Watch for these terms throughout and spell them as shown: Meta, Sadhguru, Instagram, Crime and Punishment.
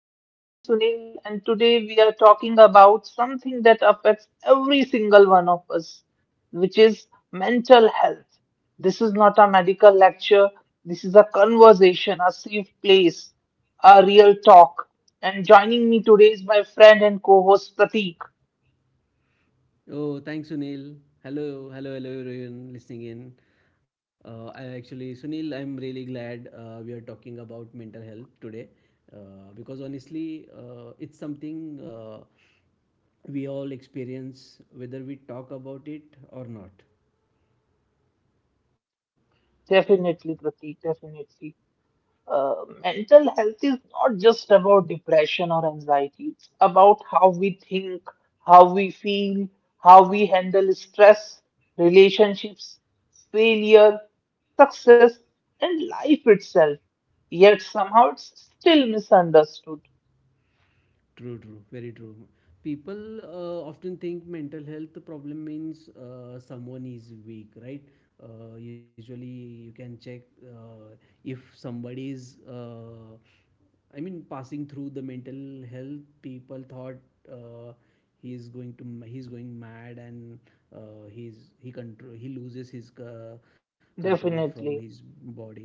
My name is Sunil, and today we are talking about something that affects every single one of us, which is mental health. This is not a medical lecture, this is a conversation, a safe place, a real talk. And joining me today is my friend and co host Pratik. Oh, thanks, Sunil. Hello, hello, hello, everyone listening in. I actually, Sunil, I'm really glad we are talking about mental health today because honestly, it's something we all experience whether we talk about it or not. Definitely, Pratik, definitely. uh, Mental health is not just about depression or anxiety. It's about how we think, how we feel, how we handle stress, relationships, failure, success, and life itself. Yet somehow it's still misunderstood, True, true, very true. People often think mental health problem means someone is weak, right? Usually, you can check if somebody is, I mean, passing through the mental health. People thought uh, he is going he's going mad, and he loses his control from his definitely. body,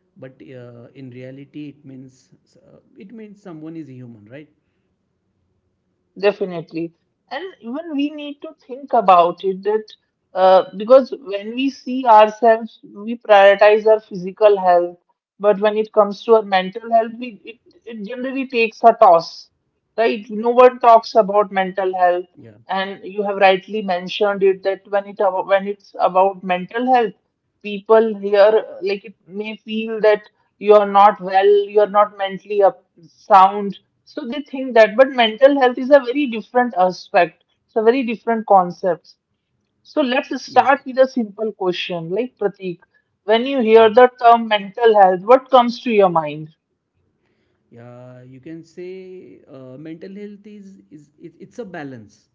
but in reality it means, someone is human, right? Definitely. And even we need to think about it that because when we see ourselves, we prioritize our physical health, but when it comes to our mental health, it generally takes a toss, right? No Yeah, one talks about mental health, and you have rightly mentioned it that when it's about mental health, people here like it may feel that you are not well, you are not mentally up, sound, so they think that, but mental health is a very different aspect. It's a very different concept. So let's yes, start with a simple question, like Pratik. When you hear yeah. the term mental health, what comes to your mind? Yeah, you can say mental health is it, it's a balance.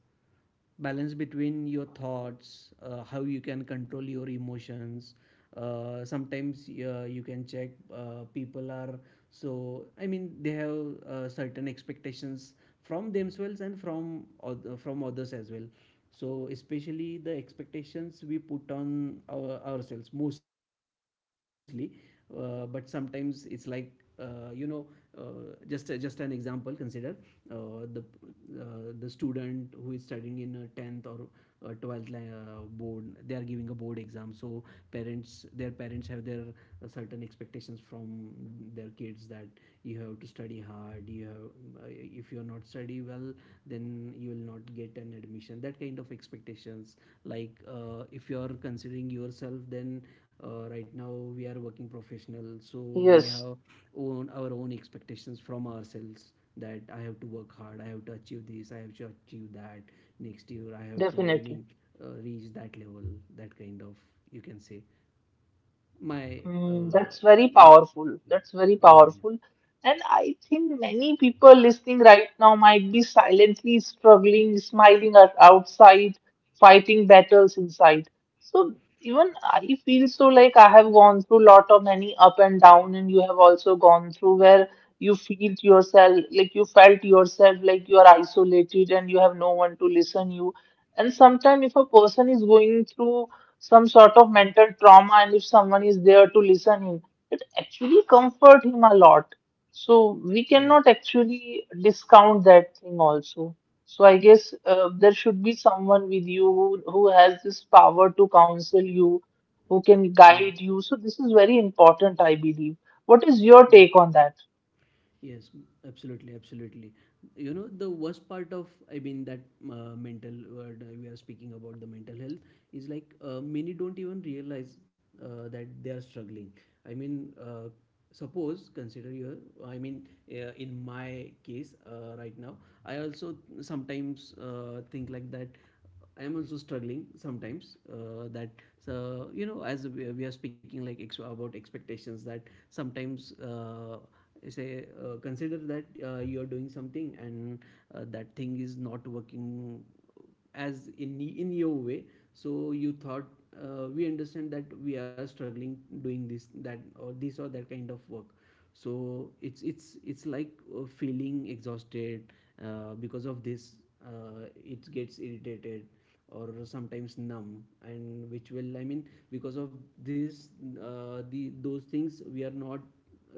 Balance between your thoughts, how you can control your emotions. Sometimes you can check people are, so I mean they have certain expectations from themselves and from from others as well, so especially the expectations we put on ourselves mostly. But sometimes it's like, uh, you know just an example, consider uh, the the student who is studying in a 10th or 12th board. They are giving a board exam, so parents their parents have their certain expectations from their kids, that you have to study hard, you have if you are not study well, then you will not get an admission, that kind of expectations. Like if you are considering yourself, then right now we are working professional, so we Yes, have own our own expectations from ourselves, that I have to work hard, I have to achieve this, I have to achieve that. Next year I have to, definitely. Reach that level, that kind of, you can say, my Mm, uh, that's very you powerful. That's very yeah, yeah. powerful. And I think many people listening right now might be silently struggling, smiling at outside, fighting battles inside. So even I feel so, like I have gone through lot of many up and down, and you have also gone through where you feel yourself, like you felt yourself like you are isolated and you have no one to listen you. And sometimes if a person is going through some sort of mental trauma and if someone is there to listen him, it actually comfort him a lot, so we Yes, cannot actually discount that thing also. So I guess there should be someone with you who has this power to counsel you, who can yes, guide you. So this is very important, I believe. What is your yes, take on that? yes. Absolutely, absolutely. You know the worst part of, I mean, that mental word, we are speaking about the mental health, is like, many don't even realize that they are struggling. I mean, uh, suppose consider your I mean in my case, right now, I also sometimes think like that, I am also struggling sometimes. That So, you know, as we are speaking like about expectations, that sometimes, say, consider that you are doing something, and that thing is not working as in your way, so you thought, we understand that we are struggling doing this that or this or that kind of work. So it's like, feeling exhausted because of this, it gets irritated, or sometimes numb, and which will, I mean, because of this, the those things, we are not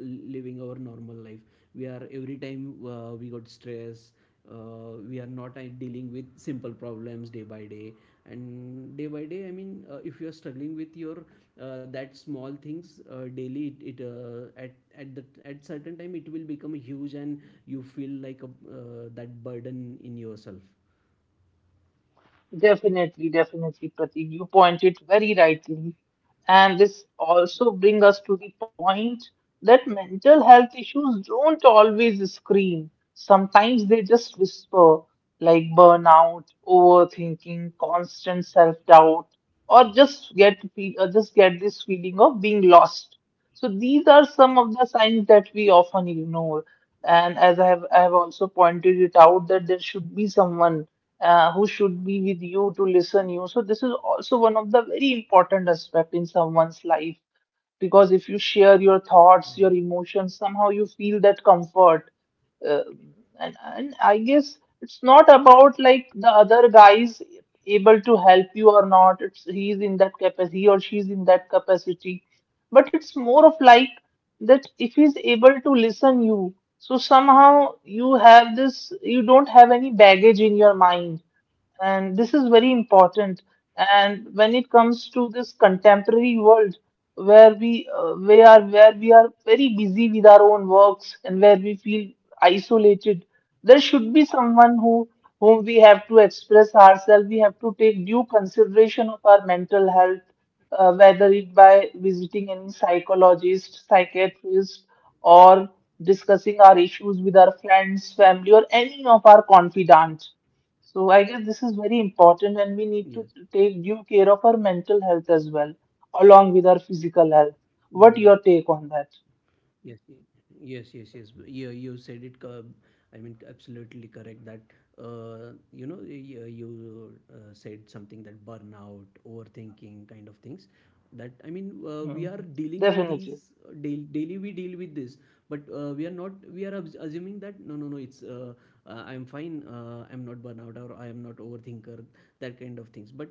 living our normal life. We are every time, we got stress, we are not dealing with simple problems day by day. And day by day, I mean, if you are struggling with your that small things daily, it at the at certain time it will become huge, and you feel like that burden in yourself. Definitely, definitely, Pratik, you pointed very rightly. And this also brings us to the point that mental health issues don't always scream. Sometimes they just whisper, like burnout, overthinking, constant self-doubt, or just get this feeling of being lost. So these are some of the signs that we often ignore. And as I have also pointed it out that there should be someone who should be with you to listen you, so this is also one of the very important aspect in someone's life, because if you share your Yeah. thoughts, your emotions, somehow you feel that comfort. uh, and I guess it's not about like the other guys able to help you or not, it's he's in that capacity, he or she's in that capacity, but it's more of like, that if he's able to listen you, so somehow you have this, you don't have any baggage in your mind, and this is very important. And when it comes to this contemporary world, where we are very busy with our own works and where we feel isolated, there should be someone who, whom we have to express ourselves, we have to take due consideration of our mental health, whether it by visiting any psychologist, psychiatrist, or discussing our issues Mm, with our friends, family, or any of our confidants. So I guess this is very important, and yes. we need to take due care of our mental health as well, along with our physical health. Yeah, What yeah. your take on that? Yes, yes, yes, yes. Yeah, you said it. I mean, absolutely correct. That you know, you said something, that burnout, overthinking, kind of things. That, I mean, we are dealing Hmm. with these Definitely. daily. Daily we deal with this, but we are not. We are assuming that no, no, no. It's I'm fine, I'm not burnout or I am not overthinker, that kind of things. But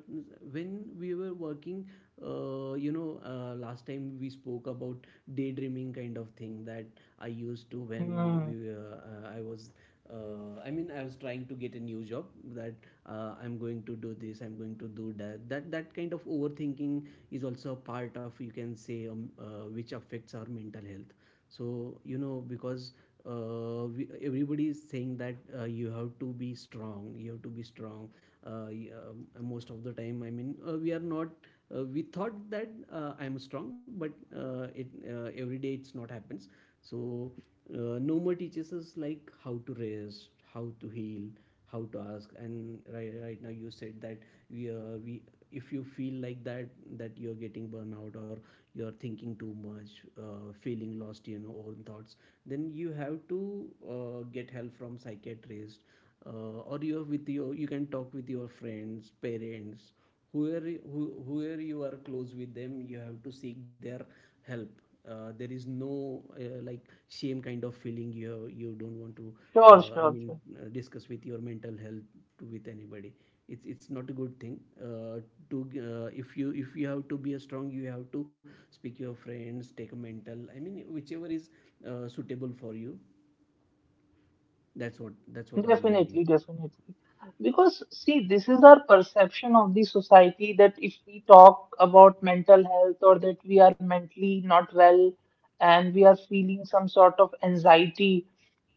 when we were working, last time we spoke about daydreaming kind of thing, that I used to, when Hmm. we I was I mean, I was trying to get a new job. That, I'm going to do this, I'm going to do that. That kind of overthinking is also a part of, you can say, which affects our mental health. So you know, because everybody is saying that you have to be strong, you have to be strong. Most of the time, I mean, we are not. We thought that I am strong, but it every day it's not happens. So no more teaches us like how to rest, how to heal, how to ask. And right now you said that, we if you feel like that you're getting burnout, or you're thinking too much, feeling lost in your own thoughts, then you have to get help from psychiatrist, or you can talk with your friends, parents, whoever you are close with them, you have to seek their help. There is no like shame kind of feeling. You don't want to, uh, Sure, i sure, mean sure. Discuss with your mental health with anybody. It's not a good thing, uh, to if you have to be a strong, you have to speak your friends, take a mental, I mean, whichever is suitable for you. That's what I'm thinking. Definitely, definitely. Because see, this is our perception of the society that if we talk about mental health or that we are mentally not well and we are feeling some sort of anxiety.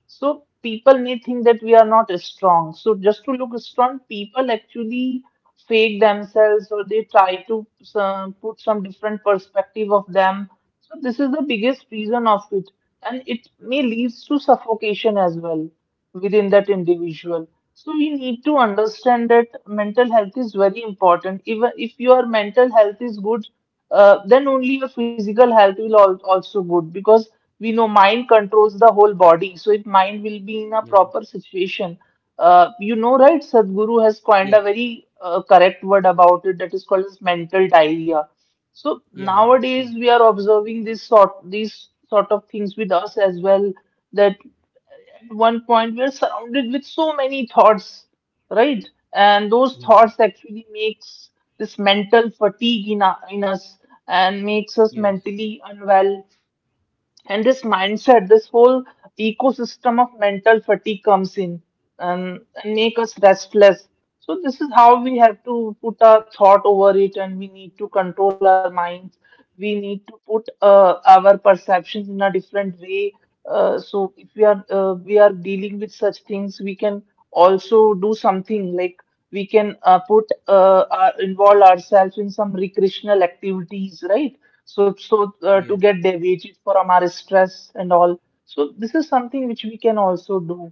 So people may think that we are not strong. So just to look strong, people actually fake themselves or they try to put some different perspective of them. So this is the biggest reason of it, and it may leads to suffocation as well within that individual. So you need to understand that mental health is very important. Even if your mental health is good, then only your physical health will al also good, because we know mind controls the whole body. So if mind will be in Yeah, a proper situation, you know, right? Sadhguru has yes, coined a very correct word about it that is called as mental diarrhea. So yeah, yeah, yes, nowadays we are observing this sort, these sort of things with us as well. That at one point we are surrounded with so many thoughts, right? And those yeah, thoughts actually makes this mental fatigue in us, and makes us yes, mentally unwell, and this mindset, this whole ecosystem of mental fatigue comes in, and make us restless. So this is how we have to put our thought over it, and we need to control our minds. We need to put our perceptions in a different way. So if we are dealing with such things, we can also do something like, we can put involve ourselves in some recreational activities, right? So so yes. To get their wages from our stress and all, so this is something which we can also do.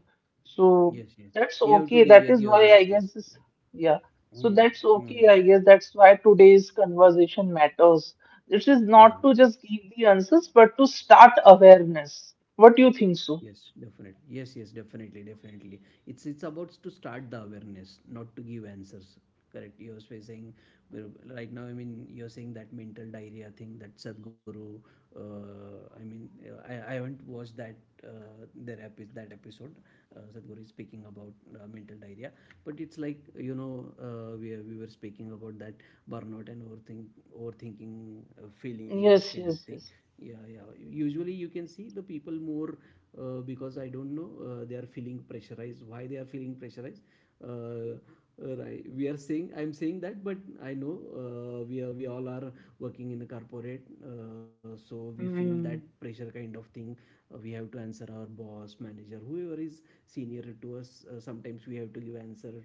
Yes, So yes. You that's have to okay, deviate that your. is why Yes, I yes. guess this, yeah, Mm, so that's mm, okay, I guess that's why today's conversation matters. It is yeah, not to just give the answers but to start awareness. What do you think so? yes, definitely. Yes, yes, definitely, definitely. It's about to start the awareness, not to give answers. Correct. You were saying. Well, right now, I mean, you're saying that mental diarrhea thing, that Sadhguru. I mean, I haven't watched that, that episode. Sadhguru is speaking about mental diarrhea, but it's like you know, we were speaking about that burnout and overthinking, feeling loss Yes, kind of yes, thing. yes. Yeah, yeah. Usually, you can see the people more, because I don't know, they are feeling pressurized. Why they are feeling pressurized? Uh, right, we are saying I'm saying that, but I know, we all are working in the corporate, so we feel that Mm, pressure kind of thing. We have to answer our boss, manager, whoever is senior to us, sometimes we have to give answer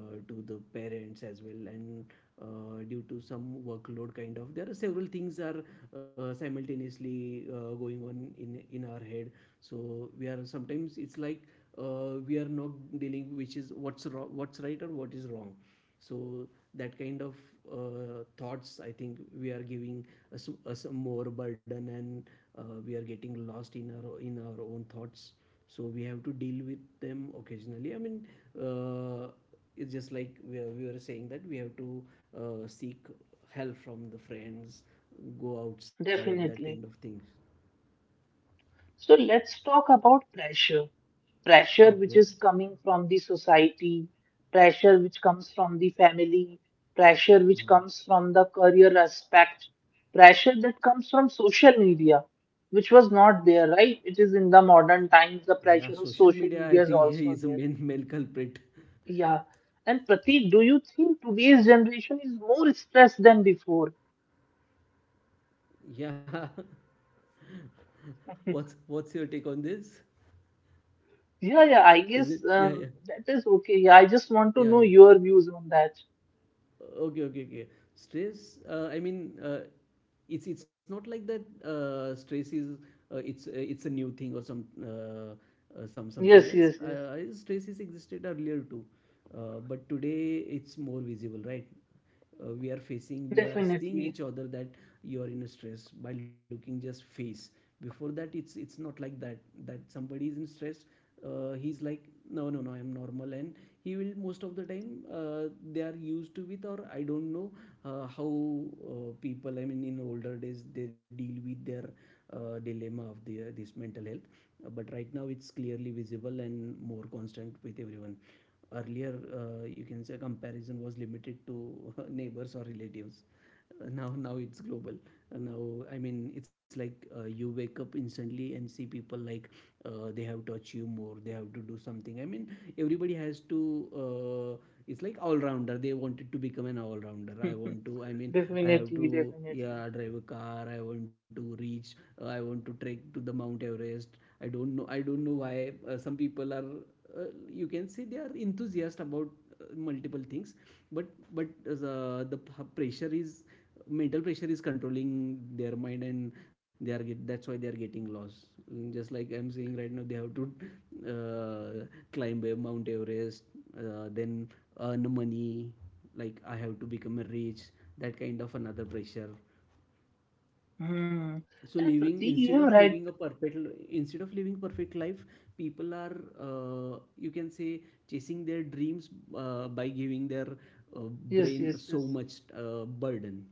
to the parents as well, and due to some workload kind of, there are several things are simultaneously going on in our head. So we are sometimes, it's like, we are not dealing which is what's wrong, what's right or what is wrong. So that kind of thoughts, I think we are giving us more burden, and we are getting lost in our own thoughts. So we have to deal with them occasionally. I mean, uh, it's just like we were saying that we have to seek help from the friends, go outside, that kind of definitely. thing. So let's talk about pressure, pressure which Okay. is coming from the society, pressure which comes from the family, pressure which comes from the career aspect, pressure that comes from social media, which was not there, right? It is in the modern times, the Yeah, pressure of social social media, I media is think, also is a there. main culprit. Yeah. And Pratik, do you think today's generation is more stressed than before? Yeah. What's your take on this? Yeah, yeah, I Is guess it? Yeah, yeah, that is okay. Yeah, I just want to know yeah, yeah. your views on that. Okay, okay, okay. Stress. I mean, it's not like that. Stress is, it's a new thing, or some, something Yes, else. yes, yes, Stress is existed earlier too, but today it's more visible, right? We are seeing definitely. each other that you are in a stress by looking just face. Before that, it's not like that, that somebody is in stress. He's like, no, no, no, I am normal. And he will most of the time, uh, they are used to it, or I don't know, how, people, I mean, in older days they deal with their dilemma of this mental health. But right now it's clearly visible and more constant with everyone. Earlier, you can say, comparison was limited to neighbors or relatives. Now it's global. Now I mean, it's like, you wake up instantly and see people like, they have to achieve more, they have to do something. I mean, everybody has to, uh, it's like, all rounder, they wanted to become an all rounder. i want to i mean I Definitely, have to, definitely. yeah, drive a car. I want to reach, I want to trek to the Mount Everest. I don't know why some people are, you can say, they are enthusiastic about multiple things. But but the pressure is mental pressure is controlling their mind, and that's why they are getting lost. Mm, just like I'm saying right now, they have to uh, climb a Mount Everest, then earn money, like I have to become a rich, that kind of another pressure. Hmm. So And living, Pratik, instead you of have living a right. perfect Instead of living perfect life, people are, you can say, chasing their dreams by giving their uh, Yes, brain yes, so yes. much burden.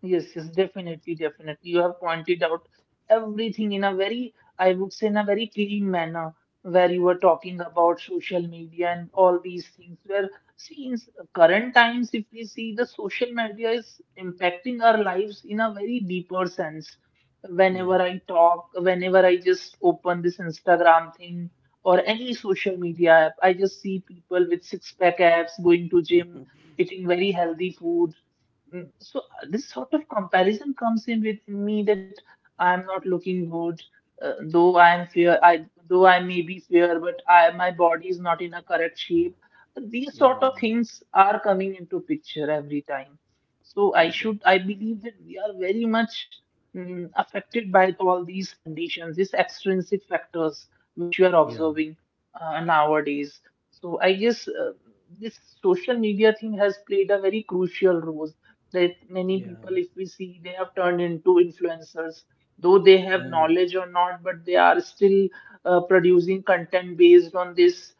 Yes, yes, definitely, definitely. You have pointed out everything in a very, I would say, in a very clean manner, where you were talking about social media and all these things. Where, see, in current times, if we see, the social media is impacting our lives in a very deeper sense. Yes. Whenever I talk, whenever I just open this Instagram thing or any social media app, I just see people with six-pack abs going to gym, eating very healthy food. Mm, so this sort of comparison comes in with me that I'm not looking good, though I am fair. I may be fair, but I my body is not in a correct shape. These sort of Yeah. things are coming into picture every time. So I बिल्कुल. should, I believe that we are very much, mm, affected by all these conditions, these extrinsic factors which you are Yeah, observing nowadays. So I guess this social media thing has played a very crucial role, that many yeah. people, if we see, they have turned into influencers, though they Mm. have knowledge or not, but they are still producing content based on this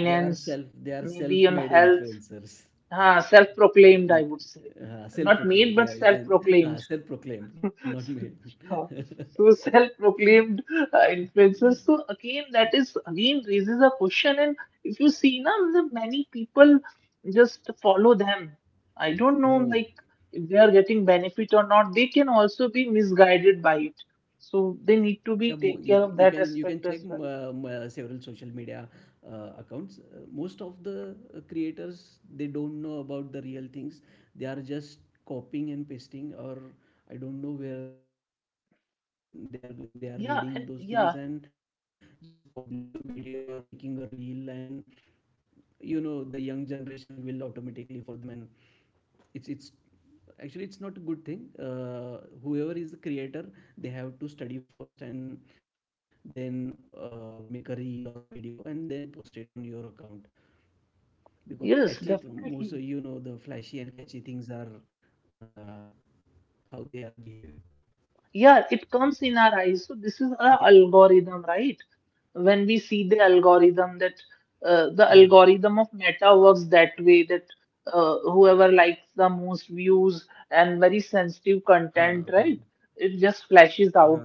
they are self they are maybe on self-made health, influencers. ah, self-proclaimed, I Mm. would say, not made self-proclaimed, but yeah, you can. Self-proclaimed. self-proclaimed, not made. Yeah. So self-proclaimed influencers. So again, that is again raises a question. And if you see now, the many people just follow them. I don't know, Hmm. like if they are getting benefit or not. They can also be misguided by it. So they Yeah, need to be you take you care of can that you can check aspect as well. Several social media accounts. Most of the creators, they don't know about the real things. They are just copying and pasting, or I don't know where they are reading those Yeah, things, and and yeah, just publish a video or making a reel, and you know the young generation will automatically follow them. And it's actually it's not a good thing. uh, Whoever is the creator, they have to study first and then make a reel or video, and then post it on your account. Because yes, catchy most of, definitely. The flashy and catchy things are uh, how they are behave. Yeah, it comes in our eyes. So this is our algorithm, right? When we see the algorithm that Yeah, the algorithm of Meta works that way that whoever likes the most views and very sensitive content, right? huh, huh. It just flashes out,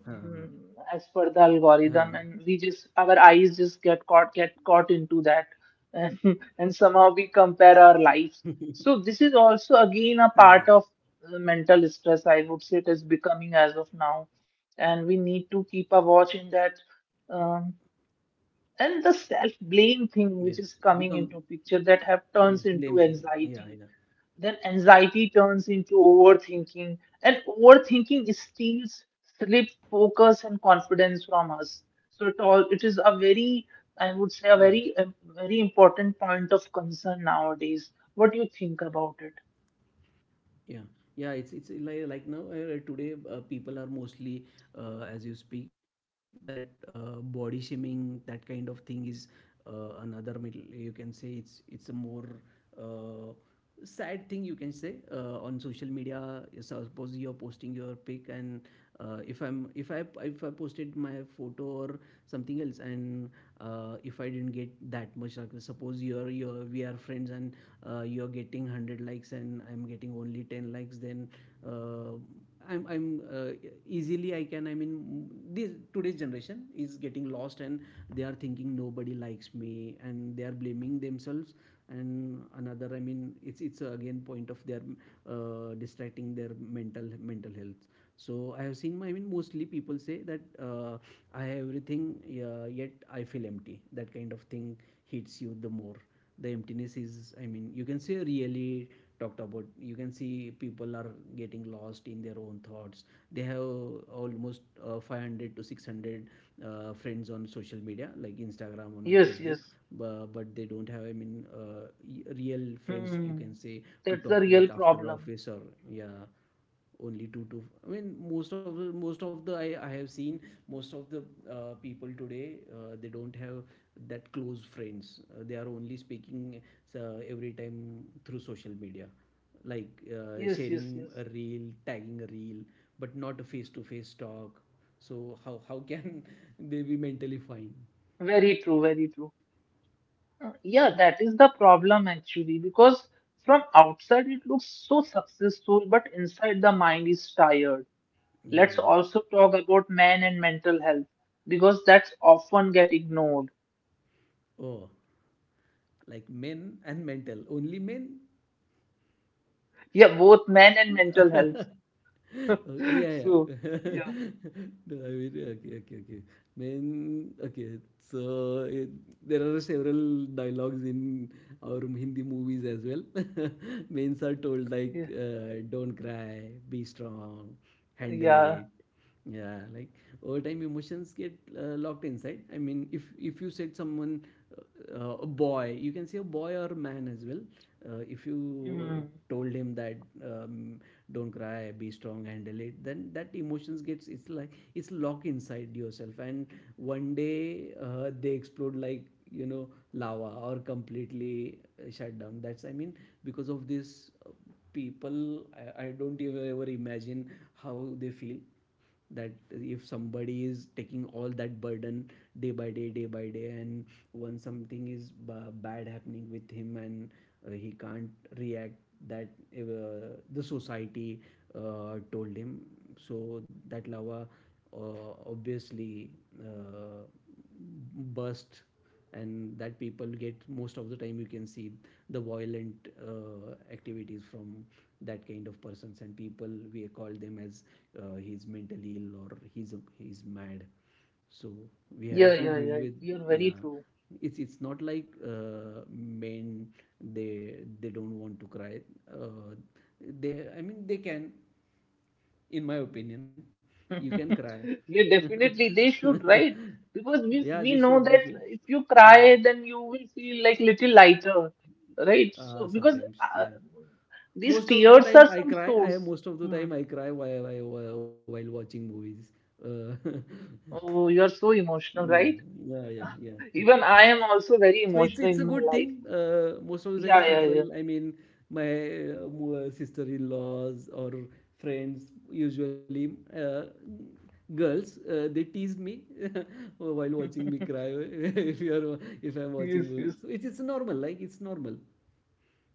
Huh, mm, as huh, per the algorithm, and we huh. just, our eyes just get caught into that, and, and somehow we compare our lives. So this is also again a part of Yeah, mental stress. I would say it is becoming as of now, and we need to keep a watch in that, um, and the self-blame thing which is coming yes. into picture Become. that have turns into Yes, blame anxiety, thing. Yeah, then yeah, anxiety turns into overthinking, and overthinking steals sleep, focus and confidence from us. So it all, it is a very, I would say a very, yes, a very important point of concern nowadays. What do you think about it? yeah, yeah. It's like, now, today, people are mostly, as you speak that, body shaming, that kind of thing is another middle. You can say it's a more uh, sad thing, you can say, on social media. Suppose you're posting your pic, and if I'm if I posted my photo or something else, and if I didn't get that much like, suppose you're we are friends, and you're getting 100 likes and I'm getting only 10 likes, then uh, I'm uh, easily I can, I mean, this today's generation is getting lost, and they are thinking nobody likes me, and they are blaming themselves. And another, I mean, it's again point of their, distracting their mental mental health. So I have seen my, I mean, mostly people say that I have everything, yeah, yet I feel empty. That kind of thing hits you the more. The emptiness is, I mean, you can say really talked about, you can see people are getting lost in their own thoughts. They have almost 500 to 600 friends on social media like Instagram, on Yes, Facebook. yes. But they don't have, I mean, real friends, you Hmm. can say, That's to the talk real with after problem. office. Or yeah, only two to, I mean, most of the I have seen, most of the people today, they don't have that close friends. They are only speaking every time through social media, like Yes, sharing yes, yes. a reel, tagging a reel, but not a face to face talk. So how can they be mentally fine? Very true, very true. Yeah, that is the problem actually, because from outside it looks so successful, but inside the mind is tired. Let's Yeah. also talk about men and mental health, because that's often get ignored. Oh, like men and mental, only men? Yeah, both men and mental health. Oh, yeah, So, yeah. yeah, No, I mean, okay, okay, okay. Main, okay. So it, there are several dialogues in our Hindi movies as well. Mains are told yeah, like, "Don't cry, be strong, handle yeah. it." Yeah, like, over time emotions get locked inside. I mean, if you said someone, a boy, you can say, a boy or a man as well, if Mm. you told him that, um, don't cry, be strong, handle it, then that emotions gets, it's like it's locked inside yourself. And one day they explode like, you know lava, or completely shut down. That's, I mean, because of this people, I don't even ever imagine how they feel. That if somebody is taking all that burden day by day, day by day, and once something is bad happening with him, and he can't react that the society told him. So that lava obviously uh, burst. And that people get, most of the time you can see the violent activities from that kind of persons, and people we call them as he's mentally ill, or he's mad. So we Yeah, have to yeah, deal yeah. with. You're very true. Yeah, it's not like men, they don't want to cry. uh, they, I mean, they can, in my opinion. You can cry. Yeah, definitely they should, right? Because we Yeah, they we should. know They that should. if you cry, then you will feel like little lighter, right? So because Sometimes, yeah. these Most of the tears time, are I some cry. I source. most of the Hmm. time I cry while watching movies. Uh, Oh, you're so emotional, yeah, right? yeah, yeah, yeah. Even I am also very So it's emotional it's in a my good life. thing. Most of the time, Yeah, yeah, people, I mean, my sister-in-laws or friends, usually girls, they teased me while watching me yeah. cry. if you are if I'm Yes, watching yes. movies, so it's normal, like it's normal.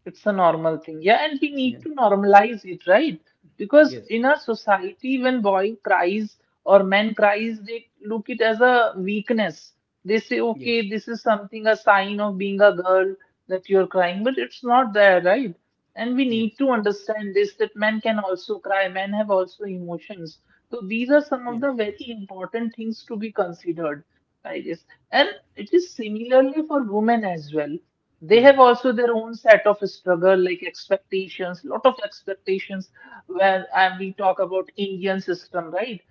It's a normal thing. Yeah, and we need Yeah, to normalize it, right? Because yes, in our society, when boy cries or man cries, they look it as a weakness. They say, yes, okay, this is something, a sign of being a girl that you're crying, but it's not there, right? And we need yes, to understand this that men can also cry, men have also emotions. So these are yes, some of the very important things to be considered, I guess. And it is similarly for women as well. They yeah, have also their own set of struggle, like expectations, lot of expectations. When and we talk about Indian system, right?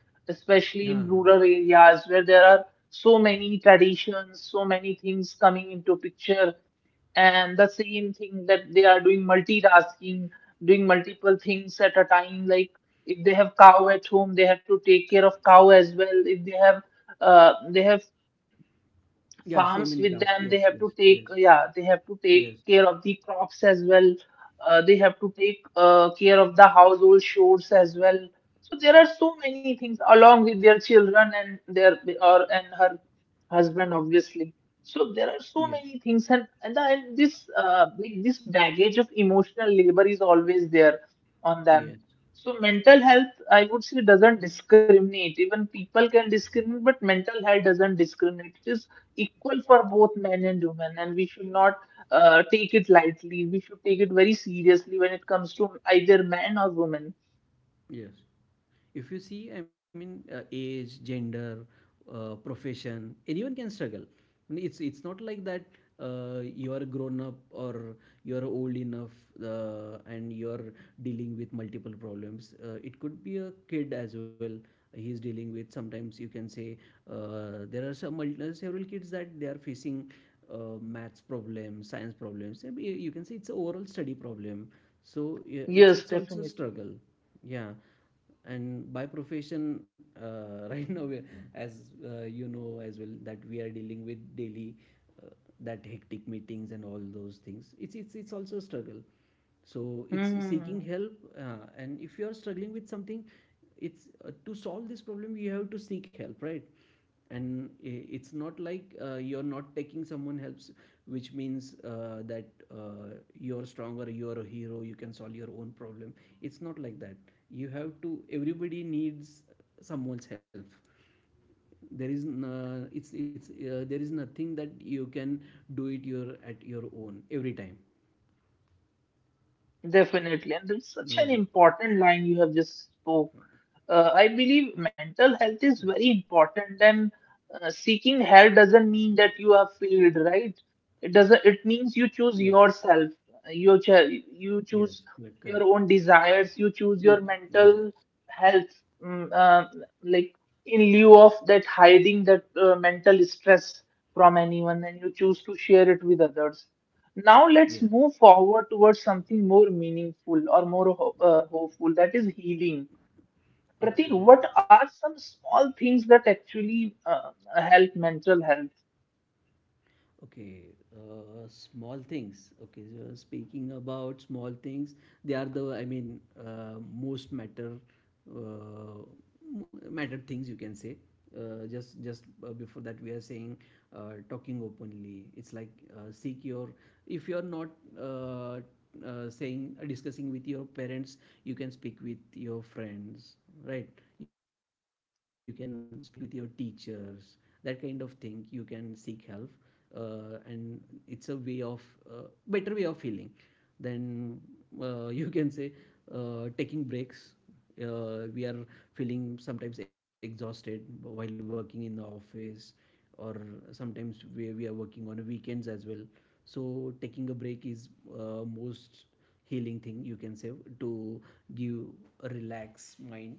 yeah, Especially in rural areas, where there are so many traditions, so many things coming into picture. And the same thing that they are doing multitasking, doing multiple things at a time, like if they have cow at home, they have to take care of cow as well. If they have yeah, so farms many with tasks. them, they Yes, have to yes, take yes, yeah they have to take yes, care of the crops as well. They have to take care of the household chores as well. So there are so many things, along with their children and their, or and her, husband obviously. So there are so many yes, things, and this like this baggage of emotional labor is always there on them. yes, So mental health, I would say, doesn't discriminate. Even people can discriminate, but mental health doesn't discriminate. It is equal for both men and women, and we should not take it lightly. We should take it very seriously when it comes to either man or women. yes. If you see, I mean, age, gender, profession, anyone can struggle. It's not like that. You are grown up, or you are old enough, and you are dealing with multiple problems. It could be a kid as well, he is dealing with, sometimes you can say, there are some several kids that they are facing maths problems, science problems. You can say it's an overall study problem. So yeah, it's Yes, it's also a definitely. struggle. Yeah. And by profession, right now, we, as you know as well, that we are dealing with daily uh, that hectic meetings and all those things. It's also a struggle. So it's seeking Hmm. help. And if you are struggling with something, it's, to solve this problem, you have to seek help, right? And it's not like you're not taking someone helps, which means that uh, you're stronger, you're a hero, you can solve your own problem. It's not like that. You have to, everybody needs someone's help. It's there is nothing that you can do it your, at your own, every time. Definitely, and that's such an Yeah, important line you have just spoke. I believe yeah. mental health is very important, and seeking help doesn't mean that you are failed, right? It doesn't. It Yes, means you choose yourself. You cho- yes, you correct, choose correct. your own desires. You You choose your desire. mental health, mm, uh, like in lieu of that, hiding that mental stress from anyone, and you choose to share it with others. Now let's Yes. move forward towards something more meaningful or more hopeful, that is healing. Pratik, Okay. what are some small things that actually help mental health? Okay, small things. Okay, so speaking about small things, they are the, I mean, most matter, uh, matter things you can say. Just before that, we are saying talking openly. It's like, seek your. If you're not uh, saying, discussing with your parents, you can speak with your friends, right? You can speak with your teachers. That kind of thing. You can seek help, and it's a way of, better way of healing than you can say taking breaks. We are feeling sometimes exhausted while working in the office, or sometimes we are working on weekends as well. So taking a break is most healing thing you can say, to give a relaxed mind.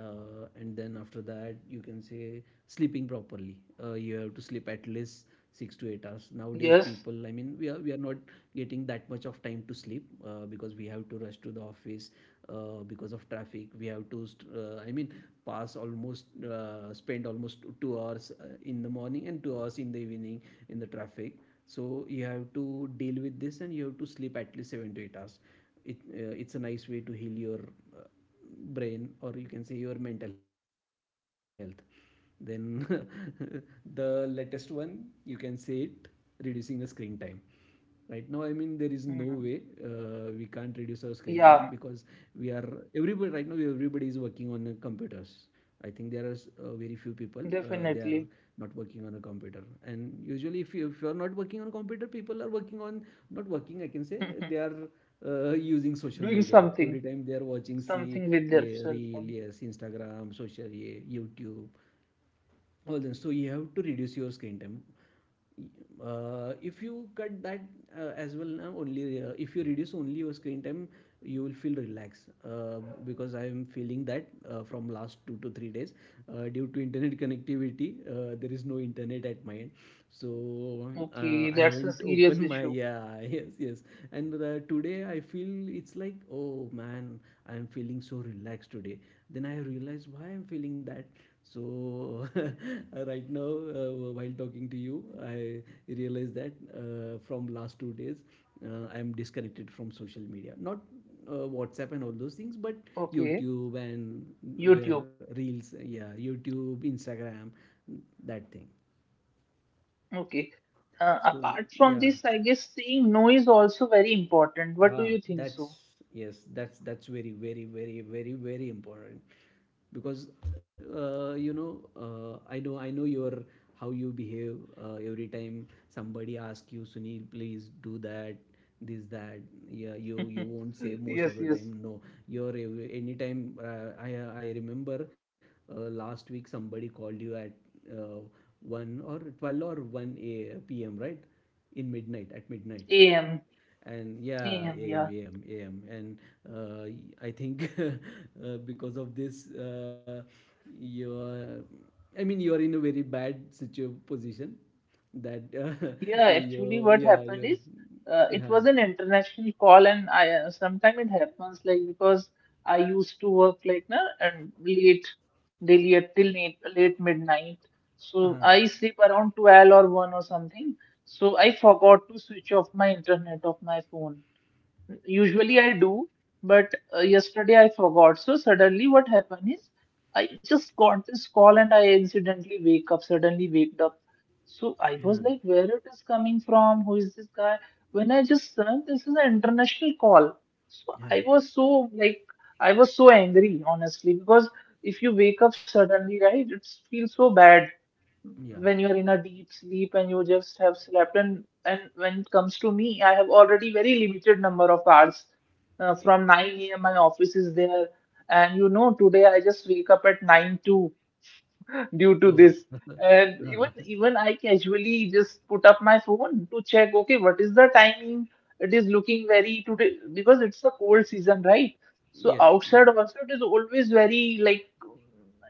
And then after that you can say sleeping properly. You have to sleep at least 6 to 8 hours. Nowadays Yes. people, I mean, we are not getting that much of time to sleep, because we have to rush to the office, because of traffic we have to I mean pass almost, spend almost 2 hours in the morning and 2 hours in the evening in the traffic. So you have to deal with this, and you have to sleep at least 7 to 8 hours. It's a nice way to heal your brain, or you can say your mental health. Then the latest one you can say it, reducing the screen time. Right now, I mean, there is no Mm. way we can't reduce our screen Yeah, time, because we are everybody right now, everybody is working on computers. I think there are very few people they are definitely. not working on a computer, and usually if you are not working on a computer, people are working on, not working, I can say, they are using social Doing media something, every time, they are watching, see. something with their Yeah, cell reel, phone. yes, Instagram, social, yeah, YouTube, all. Then so you have to reduce your screen time. If you cut that as well. Now only if you reduce only your screen time, you will feel relaxed, because I am feeling that from last 2 to 3 days, due to internet connectivity, there is no internet at my end. So Okay, I that's a haven't opened serious my, issue. yeah. Yes, yes. And today I feel it's like, oh man, I am feeling so relaxed today. Then I realized why I'm feeling that. So right now, while talking to you, I realized that from last 2 days, I am disconnected from social media. Not WhatsApp and all those things, but Okay, YouTube and YouTube. where reels, yeah, YouTube, Instagram, that thing. Okay. Uh, So apart from yeah, this, I guess saying no is also very important. What do ah, you think that's, so? yes, that's very, very, very, very, very important. Because you know, I know your, how you behave, every time somebody asks you, Sunil, please do that, this that. Yeah, you won't say most of Yes, the yes. time, no. You're every, anytime I remember last week somebody called you at uh, 1 or 12 or one a p.m., right, in midnight, at A. midnight. M. And A. yeah, M. yeah. am, am, am. And uh, I think because of this you're, I mean you're, in a very bad position. That Yeah, actually, what you, yeah, happened is you, it was yeah, an international call, and I, sometimes it happens, like because I used to work like na and late daily at till late, late midnight, uh, so I sleep around 12 or 1 or something. So I forgot to switch off my internet of my phone. Usually I do, but yesterday I forgot. So suddenly what happened is, I just got this call and I incidentally wake up, suddenly waked up. So I was like, yeah, where it is coming from? Who is this guy? When I just searched, this is an international call. So I yeah, was so like, I was so angry, honestly, because if you wake up suddenly, right, it feels so bad yeah, when you're in a deep sleep and you just have slept. And when it comes to me, I have already very limited number of hours. From 9 a.m my office is there, and you know, today I just wake up at 9 two. Due to oh. this. And even Uh, even I casually just put up my phone to check, okay, what is the timing? It is looking very today because it's a cold season, right? So yes, outside yeah. also it is always very like,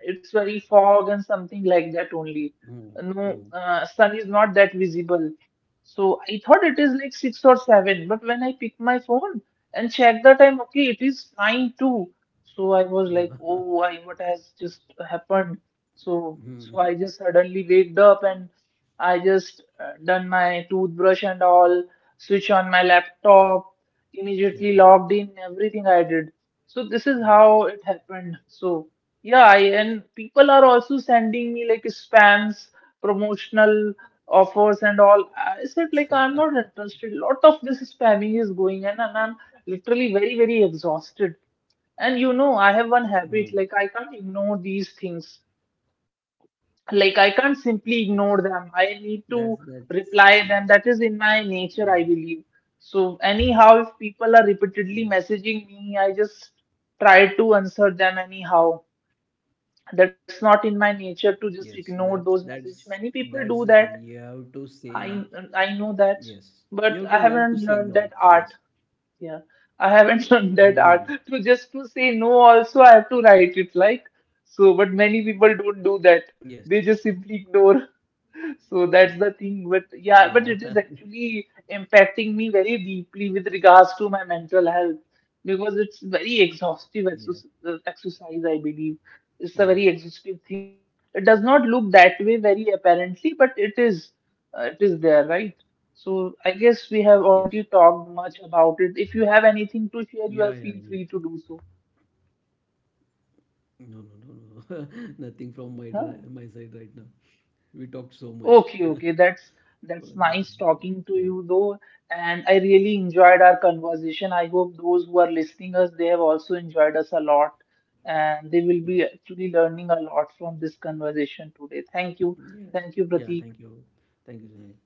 it's very fog and something like that only. Oh, No, oh sun is not that visible. So I thought it is like 6 or 7, but when I pick my phone and check the time, okay, it is nine too. So I was like, yeah. oh, I what has just happened? So, Hmm. so I just suddenly waked up, and I just done my toothbrush and all, switch on my laptop, immediately Yeah, logged in, everything I did. So this is oh. how it happened. So yeah, and people are also sending me like spams, promotional offers and all. I said like I'm not interested. Lot of this spamming is going on and I'm literally very, very exhausted. And you know, Mm, I have one habit, like I can't ignore these things, yes, like I can't that's simply ignore them. I need to yeah. reply them, that is in my nature, I believe. So Yes, anyhow, if people are repeatedly messaging me, I just try to answer them anyhow. That's not in yes, my that's nature to just that's ignore that's the those thing. messages. You have Many to people say do that. i yes. You have i to know learn to that, say no. but I Yes. haven't learned that art, yeah, I Mm. haven't learned that art. To just to say no also I have to write it, like. So but Yes. many people don't do that, they just simply Mm. ignore. So Yeah. that's the thing. But yeah, but it is actually impacting me very deeply with regards to my mental health, because it's Yeah. very exhaustive exercise, I Yes. believe. It's a very exhaustive thing. It does not look that way very apparently, but it is. It is there, right? So Yes. I guess we have already talked much about it. If you have Yeah. Yeah. anything Yes. to share, you are feel free to do so. No, no, no, no. Nothing from my my side right now. Huh? We talked so much. Okay, okay, that's already. that's nice Yeah. talking to you though, and I really enjoyed our conversation. I hope those who are listening us, they have also enjoyed us a lot, and they will Yes. be actually learning a lot from this conversation today. Yes. Thank you, Yeah. Pratik. Thank you. Thank you, Sunil.